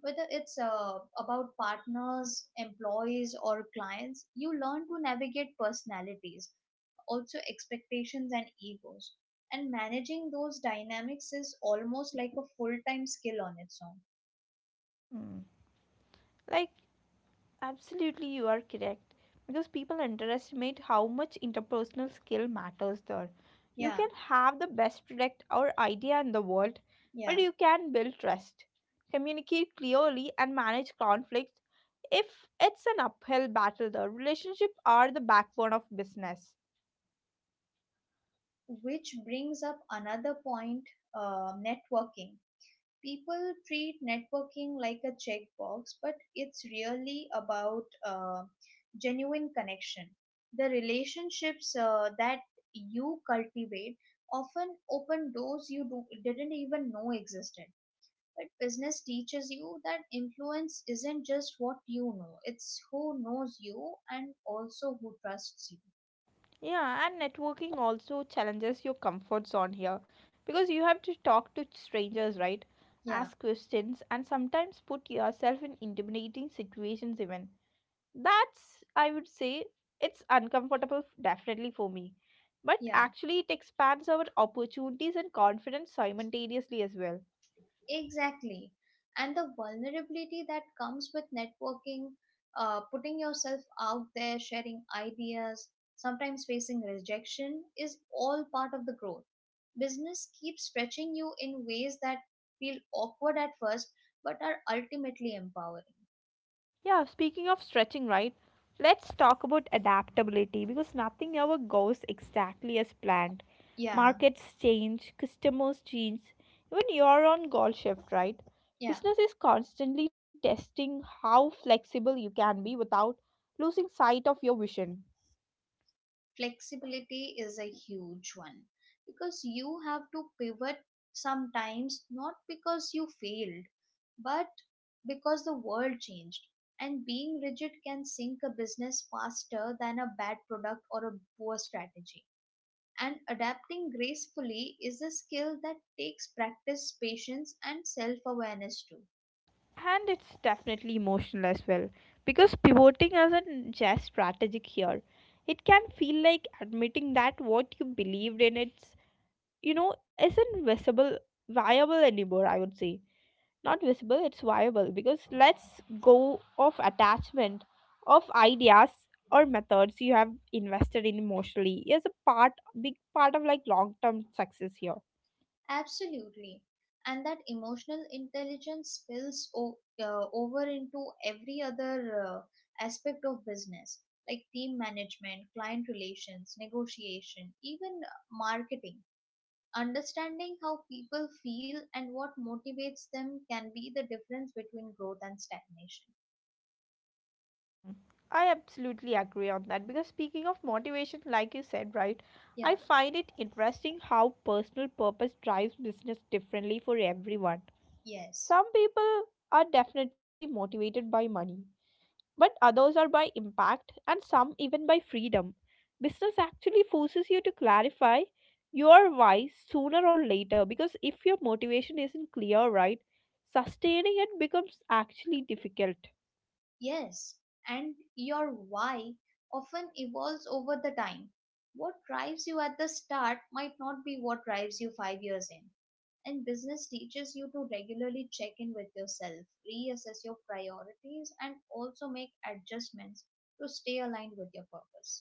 S2: whether it's about partners, employees or clients. You learn to navigate personalities, also expectations and egos, and managing those dynamics is almost like a full-time skill on its own.
S1: Hmm. Like, absolutely, you are correct. Because people underestimate how much interpersonal skill matters there. You
S2: Yeah.
S1: can have the best product or idea in the world, but
S2: Yeah,
S1: you can build trust, communicate clearly, and manage conflicts. If it's an uphill battle, the relationships are the backbone of business.
S2: which brings up another point, networking. People treat networking like a checkbox, but it's really about genuine connection. The relationships that you cultivate often open doors didn't even know existed. But business teaches you that influence isn't just what you know, it's who knows you and also who trusts you.
S1: Yeah, and networking also challenges your comfort zone here, because you have to talk to strangers, right?
S2: Yeah,
S1: Ask questions and sometimes put yourself in intimidating situations, even. That's, I would say, it's uncomfortable, definitely for me. But
S2: yeah.
S1: actually, it expands our opportunities and confidence simultaneously as well.
S2: Exactly. And the vulnerability that comes with networking, putting yourself out there, sharing ideas, sometimes facing rejection, is all part of the growth. Business keeps stretching you in ways that feel awkward at first but are ultimately empowering.
S1: Yeah, speaking of stretching, right? Let's talk about adaptability because nothing ever goes exactly as planned.
S2: Yeah,
S1: Markets change, customers change, even you're on goal shift, right?
S2: yeah.
S1: Business is constantly testing how flexible you can be without losing sight of your vision.
S2: Flexibility is a huge one, because you have to pivot sometimes not because you failed but because the world changed, and being rigid can sink a business faster than a bad product or a poor strategy. And adapting gracefully is a skill that takes practice, patience and self-awareness too.
S1: And it's definitely emotional as well, because pivoting isn't just strategic here. It can feel like admitting that what you believed in it, you know, isn't visible viable anymore, I would say. Not visible, it's viable, because let's go of attachment of ideas or methods you have invested in emotionally is a part, big part of like long term success here.
S2: Absolutely. And that emotional intelligence spills over into every other aspect of business, like team management, client relations, negotiation, even marketing. Understanding how people feel and what motivates them can be the difference between growth and stagnation.
S1: I absolutely agree on that, because speaking of motivation like you said, right,
S2: Yeah,
S1: I find it interesting how personal purpose drives business differently for everyone.
S2: yes.
S1: Some people are definitely motivated by money, but others are by impact and some even by freedom. Business actually forces you to clarify your why sooner or later, because if your motivation isn't clear, right, sustaining it becomes actually difficult.
S2: Yes, and your why often evolves over the time. What drives you at the start might not be what drives you 5 years in. And business teaches you to regularly check in with yourself, reassess your priorities, and also make adjustments to stay aligned with your purpose.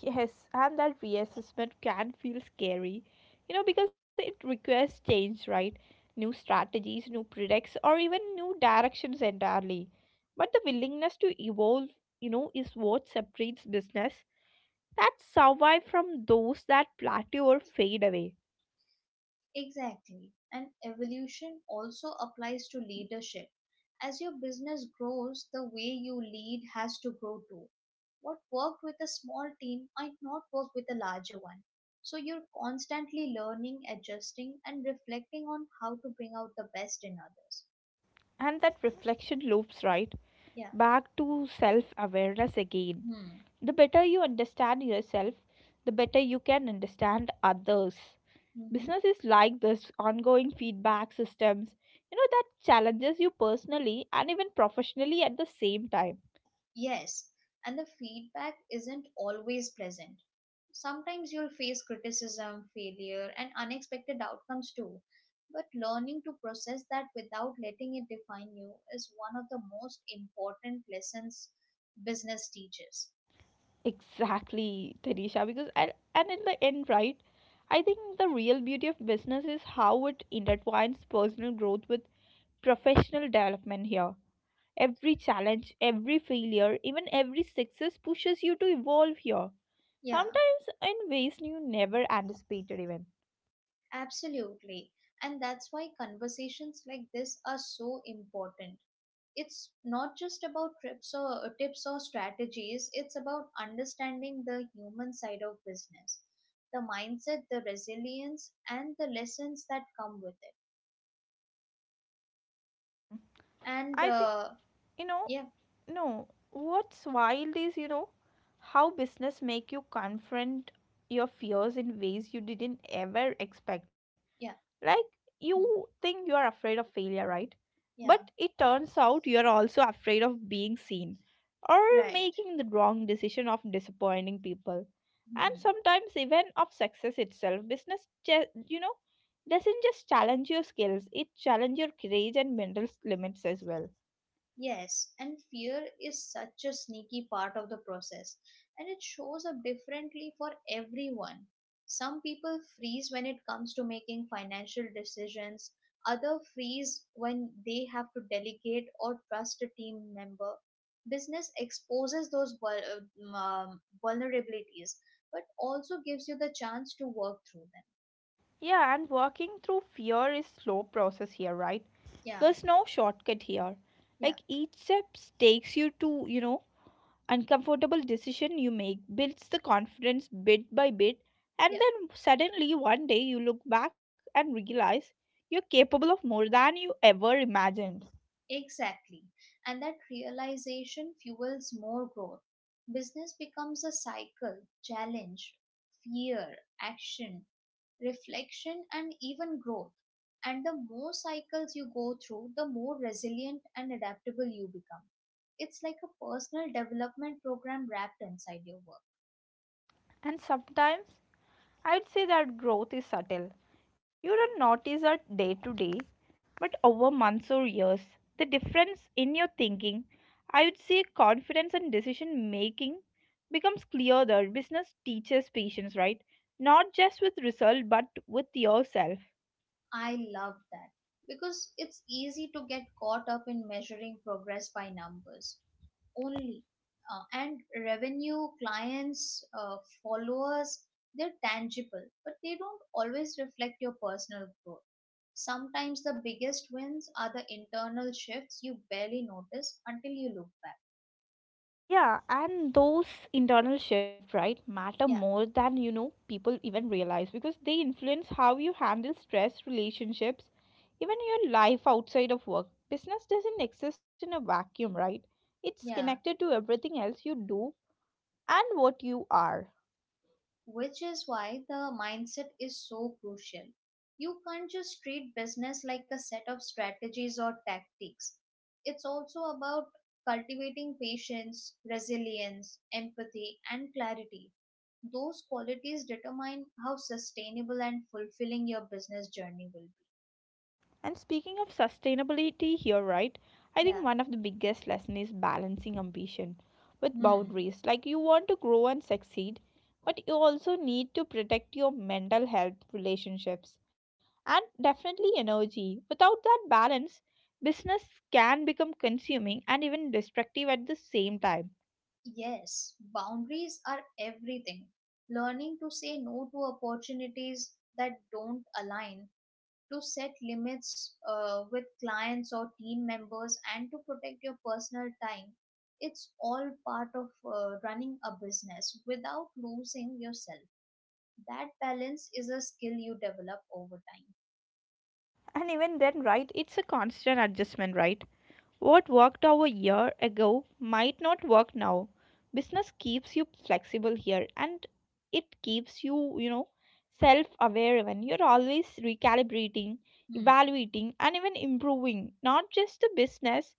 S1: Yes, and that reassessment can feel scary, because it requires change, right? New strategies, new products, or even new directions entirely. But the willingness to evolve, is what separates business that survive from those that plateau or fade away.
S2: Exactly. And evolution also applies to leadership. As your business grows, the way you lead has to grow too. What worked with a small team might not work with a larger one. So you're constantly learning, adjusting, and reflecting on how to bring out the best in others.
S1: And that reflection loops right
S2: Yeah.
S1: back to self awareness again.
S2: Hmm.
S1: The better you understand yourself, the better you can understand others.
S2: Mm-hmm.
S1: Business is like this ongoing feedback systems, that challenges you personally and even professionally at the same time.
S2: Yes, and the feedback isn't always pleasant. Sometimes you'll face criticism, failure, and unexpected outcomes too. But learning to process that without letting it define you is one of the most important lessons business teaches.
S1: Exactly, Tanisha, because I, and in the end, right, I think the real beauty of business is how it intertwines personal growth with professional development here. Every challenge, every failure, even every success pushes you to evolve here.
S2: Yeah.
S1: Sometimes in ways you never anticipated even.
S2: Absolutely. And that's why conversations like this are so important. It's not just about trips or tips or strategies, it's about understanding the human side of business, the mindset, the resilience, and the lessons that come with it. And
S1: I think, you know,
S2: yeah,
S1: no, what's wild is, how business make you confront your fears in ways you didn't ever expect.
S2: yeah,
S1: Like
S2: hmm,
S1: you think you are afraid of failure, right?
S2: yeah,
S1: But it turns out you're also afraid of being seen or
S2: right.
S1: making the wrong decision of disappointing people. And
S2: Hmm.
S1: sometimes even of success itself. Business, doesn't just challenge your skills, it challenges your courage and limits as well.
S2: Yes, and fear is such a sneaky part of the process, and it shows up differently for everyone. Some people freeze when it comes to making financial decisions, others freeze when they have to delegate or trust a team member. Business exposes those vulnerabilities, but also gives you the chance to work through them.
S1: Yeah, and working through fear is slow process here, right?
S2: Yeah,
S1: There's no shortcut here.
S2: yeah,
S1: Like each step takes you to, uncomfortable decision you make builds the confidence bit by bit, and
S2: yeah.
S1: then suddenly one day you look back and realize you're capable of more than you ever imagined.
S2: Exactly. And that realization fuels more growth. Business becomes a cycle, challenge, fear, action, reflection, and even growth. And the more cycles you go through, the more resilient and adaptable you become. It's like a personal development program wrapped inside your work.
S1: And sometimes I'd say that growth is subtle, you don't notice it day to day, but over months or years the difference in your thinking, I would say, confidence and decision making becomes clearer. Business teaches patience, right, not just with result but with yourself.
S2: I love that because it's easy to get caught up in measuring progress by numbers only, and revenue, clients, followers. They're tangible, but they don't always reflect your personal growth. Sometimes the biggest wins are the internal shifts you barely notice until you look back.
S1: Yeah, and those internal shifts, right, matter
S2: Yeah,
S1: more than you know people even realize, because they influence how you handle stress, relationships, even your life outside of work. Business doesn't exist in a vacuum, right? It's
S2: yeah,
S1: connected to everything else you do and what you are.
S2: which is why the mindset is so crucial. You can't just treat business like a set of strategies or tactics. It's also about cultivating patience, resilience, empathy, and clarity. Those qualities determine how sustainable and fulfilling your business journey will be.
S1: And speaking of sustainability here, right? I
S2: Yeah.
S1: think one of the biggest lessons is balancing ambition with
S2: Hmm.
S1: boundaries. Like you want to grow and succeed, but you also need to protect your mental health, relationships, and definitely energy. Without that balance, business can become consuming and even destructive at the same time.
S2: Yes, boundaries are everything. Learning to say no to opportunities that don't align, to set limits with clients or team members, and to protect your personal time. It's all part of running a business without losing yourself. That balance is a skill you develop over time.
S1: And even then, right? It's a constant adjustment, right? What worked over a year ago might not work now. Business keeps you flexible here, and it keeps you, self aware, when you're always recalibrating,
S2: Hmm.
S1: evaluating, and even improving not just the business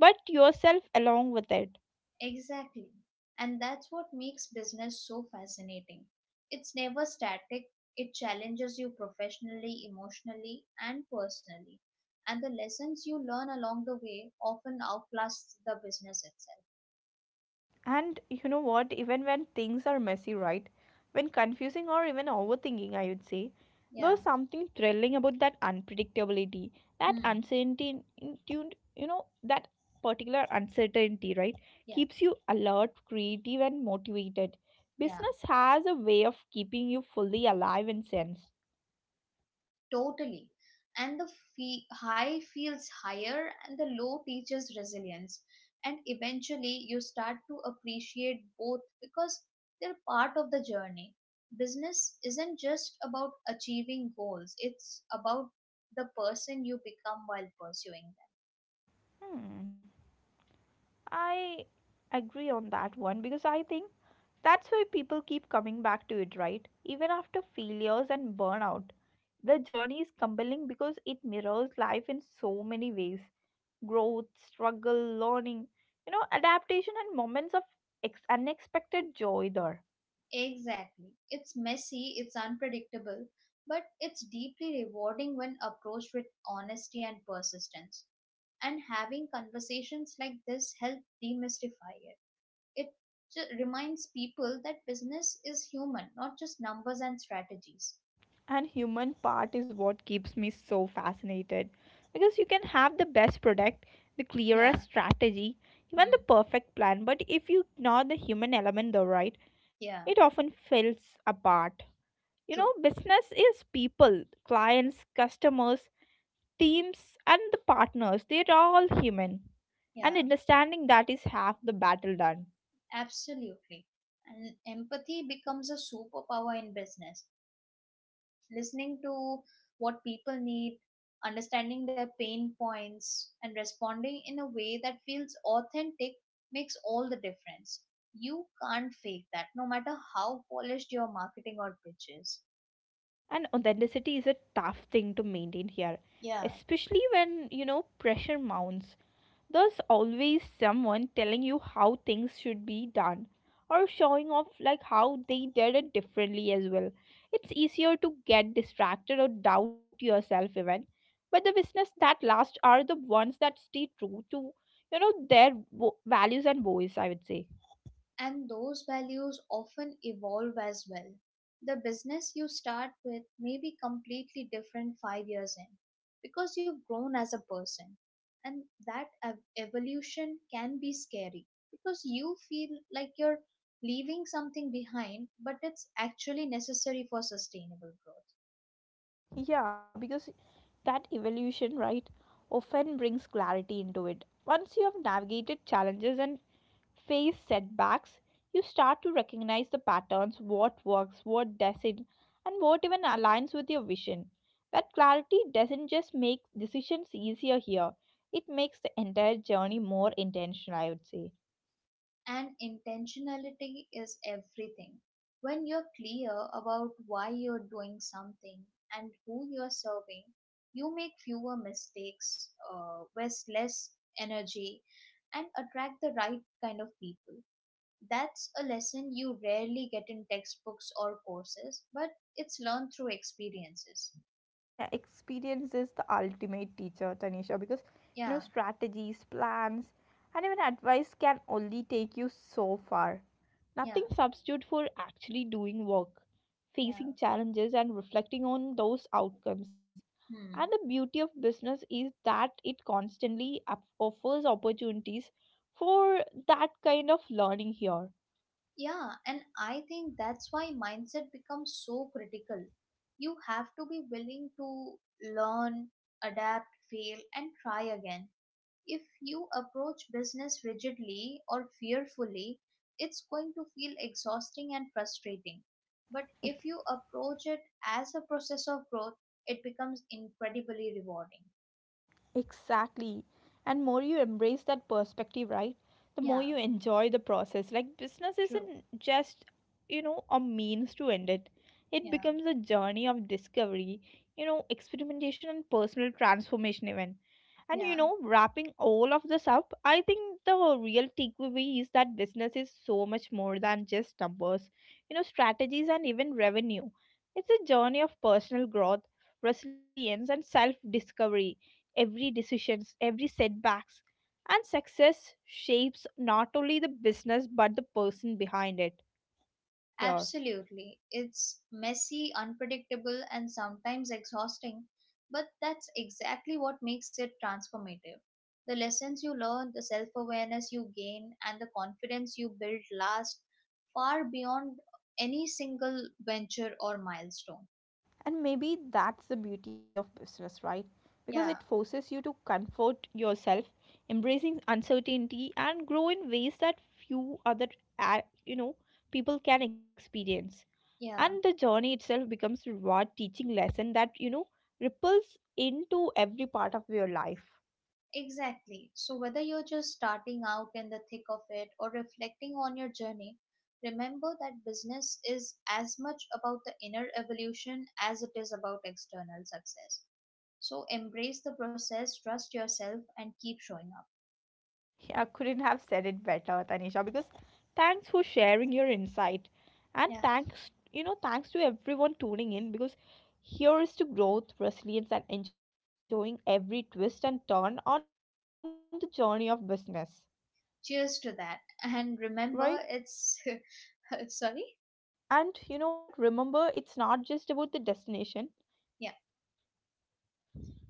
S1: but yourself along with it.
S2: Exactly. And that's what makes business so fascinating. It's never static, it challenges you professionally, emotionally, and personally. And the lessons you learn along the way often outlast the business itself.
S1: And you know what? Even when things are messy, right? When confusing or even overthinking, I would say,
S2: Yeah.
S1: there's something thrilling about that unpredictability, that
S2: Hmm.
S1: uncertainty, that particular uncertainty, right?
S2: Yeah.
S1: Keeps you alert, creative, and motivated.
S2: Yeah.
S1: Business has a way of keeping you fully alive and sense.
S2: Totally. And the high feels higher, and the low teaches resilience. And eventually, you start to appreciate both because they're part of the journey. Business isn't just about achieving goals, it's about the person you become while pursuing
S1: Hmm. I agree on that one because I think that's why people keep coming back to it, right? Even after failures and burnout. The journey is compelling because it mirrors life in so many ways: growth, struggle, learning, adaptation, and moments of unexpected joy there.
S2: them. Exactly. It's messy, it's unpredictable, but it's deeply rewarding when approached with honesty and persistence. And having conversations like this help demystify it. It Reminds people that business is human, not just numbers and strategies.
S1: And human part is what keeps me so fascinated, because you can have the best product, the
S2: Yeah,
S1: clearest strategy, even
S2: hmm,
S1: the perfect plan, but if you ignore the human element, though, right,
S2: yeah,
S1: it often falls apart. You
S2: true.
S1: know, business is people, clients, customers, teams, and the partners. They're all human.
S2: Yeah,
S1: And understanding that is half the battle done.
S2: absolutely. And empathy becomes a superpower in business. Listening to what people need, understanding their pain points, and responding in a way that feels authentic makes all the difference. You can't fake that, no matter how polished your marketing or pitch is.
S1: And authenticity is a tough thing to maintain here,
S2: Yeah.
S1: especially when, pressure mounts. There's always someone telling you how things should be done or showing off like how they did it differently as well. It's easier to get distracted or doubt yourself even. But the business that last are the ones that stay true to, you know, their values and voice, I would say.
S2: And those values often evolve as well. The business you start with may be completely different 5 years in, because you've grown as a person, and evolution can be scary because you feel like you're leaving something behind, but it's actually necessary for sustainable growth.
S1: Yeah, because that evolution right often brings clarity into it. Once you have navigated challenges and face setbacks, you start to recognize the patterns: what works, what doesn't, and what even aligns with your vision. That clarity doesn't just make decisions easier here, it makes the entire journey more intentional, I would say.
S2: And intentionality is everything. When you're clear about why you're doing something and who you're serving, you make fewer mistakes, waste less energy, and attract the right kind of people. That's a lesson you rarely get in textbooks or courses, but it's learned through experiences.
S1: Yeah, experience is the ultimate teacher, Tanisha, because
S2: Yeah,
S1: you know strategies, plans, and even advice can only take you so far.
S2: yeah,
S1: Nothing substitute for actually doing work,
S2: yeah.
S1: facing challenges, and reflecting on those outcomes. And
S2: Hmm.
S1: the beauty of business is that it constantly offers opportunities for that kind of learning here.
S2: Yeah, and I think that's why mindset becomes so critical. You have to be willing to learn, adapt, fail, and try again. If you approach business rigidly or fearfully, it's going to feel exhausting and frustrating. But if you approach it as a process of growth, it becomes incredibly rewarding.
S1: Exactly. And more you embrace that perspective, right? The
S2: Yeah,
S1: more you enjoy the process. Like business
S2: true.
S1: isn't just, a means to end it. It
S2: Yeah,
S1: becomes a journey of discovery, experimentation and personal transformation even. And
S2: yeah.
S1: you know, wrapping all of this up, I think the real takeaway is that business is so much more than just numbers, strategies and even revenue. It's a journey of personal growth, resilience and self-discovery. Every decisions, every setbacks and success shapes not only the business but the person behind it here.
S2: Absolutely. It's messy, unpredictable, and sometimes exhausting, but that's exactly what makes it transformative. The lessons you learn, the self awareness you gain, and the confidence you build last far beyond any single venture or milestone.
S1: And maybe that's the beauty of business, right, because it
S2: Yeah,
S1: forces you to comfort yourself, embracing uncertainty and grow in ways that few other, you know, people can experience.
S2: yeah.
S1: And the journey itself becomes reward, teaching lesson that, you know, ripples into every part of your life.
S2: Exactly. So, whether you're just starting out, in the thick of it, or reflecting on your journey, remember that business is as much about the inner evolution as it is about external success. So, embrace the process, trust yourself, and keep showing up.
S1: Yeah, couldn't have said it better, Tanisha, because thanks for sharing your insight.
S2: Yeah.
S1: And thanks, thanks to everyone tuning in, because here is to growth, resilience, and enjoying every twist and turn on the journey of business,
S2: Cheers to that. And
S1: right?
S2: remember,
S1: And you know
S2: it's
S1: what? Remember, it's not
S2: sorry.
S1: just about the destination.
S2: Yeah.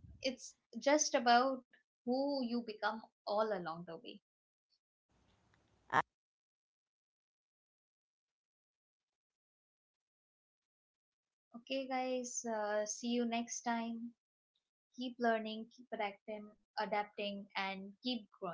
S2: It's just about who you become all along the way. Okay, guys. See you next time. Keep learning, keep adapting, and keep growing.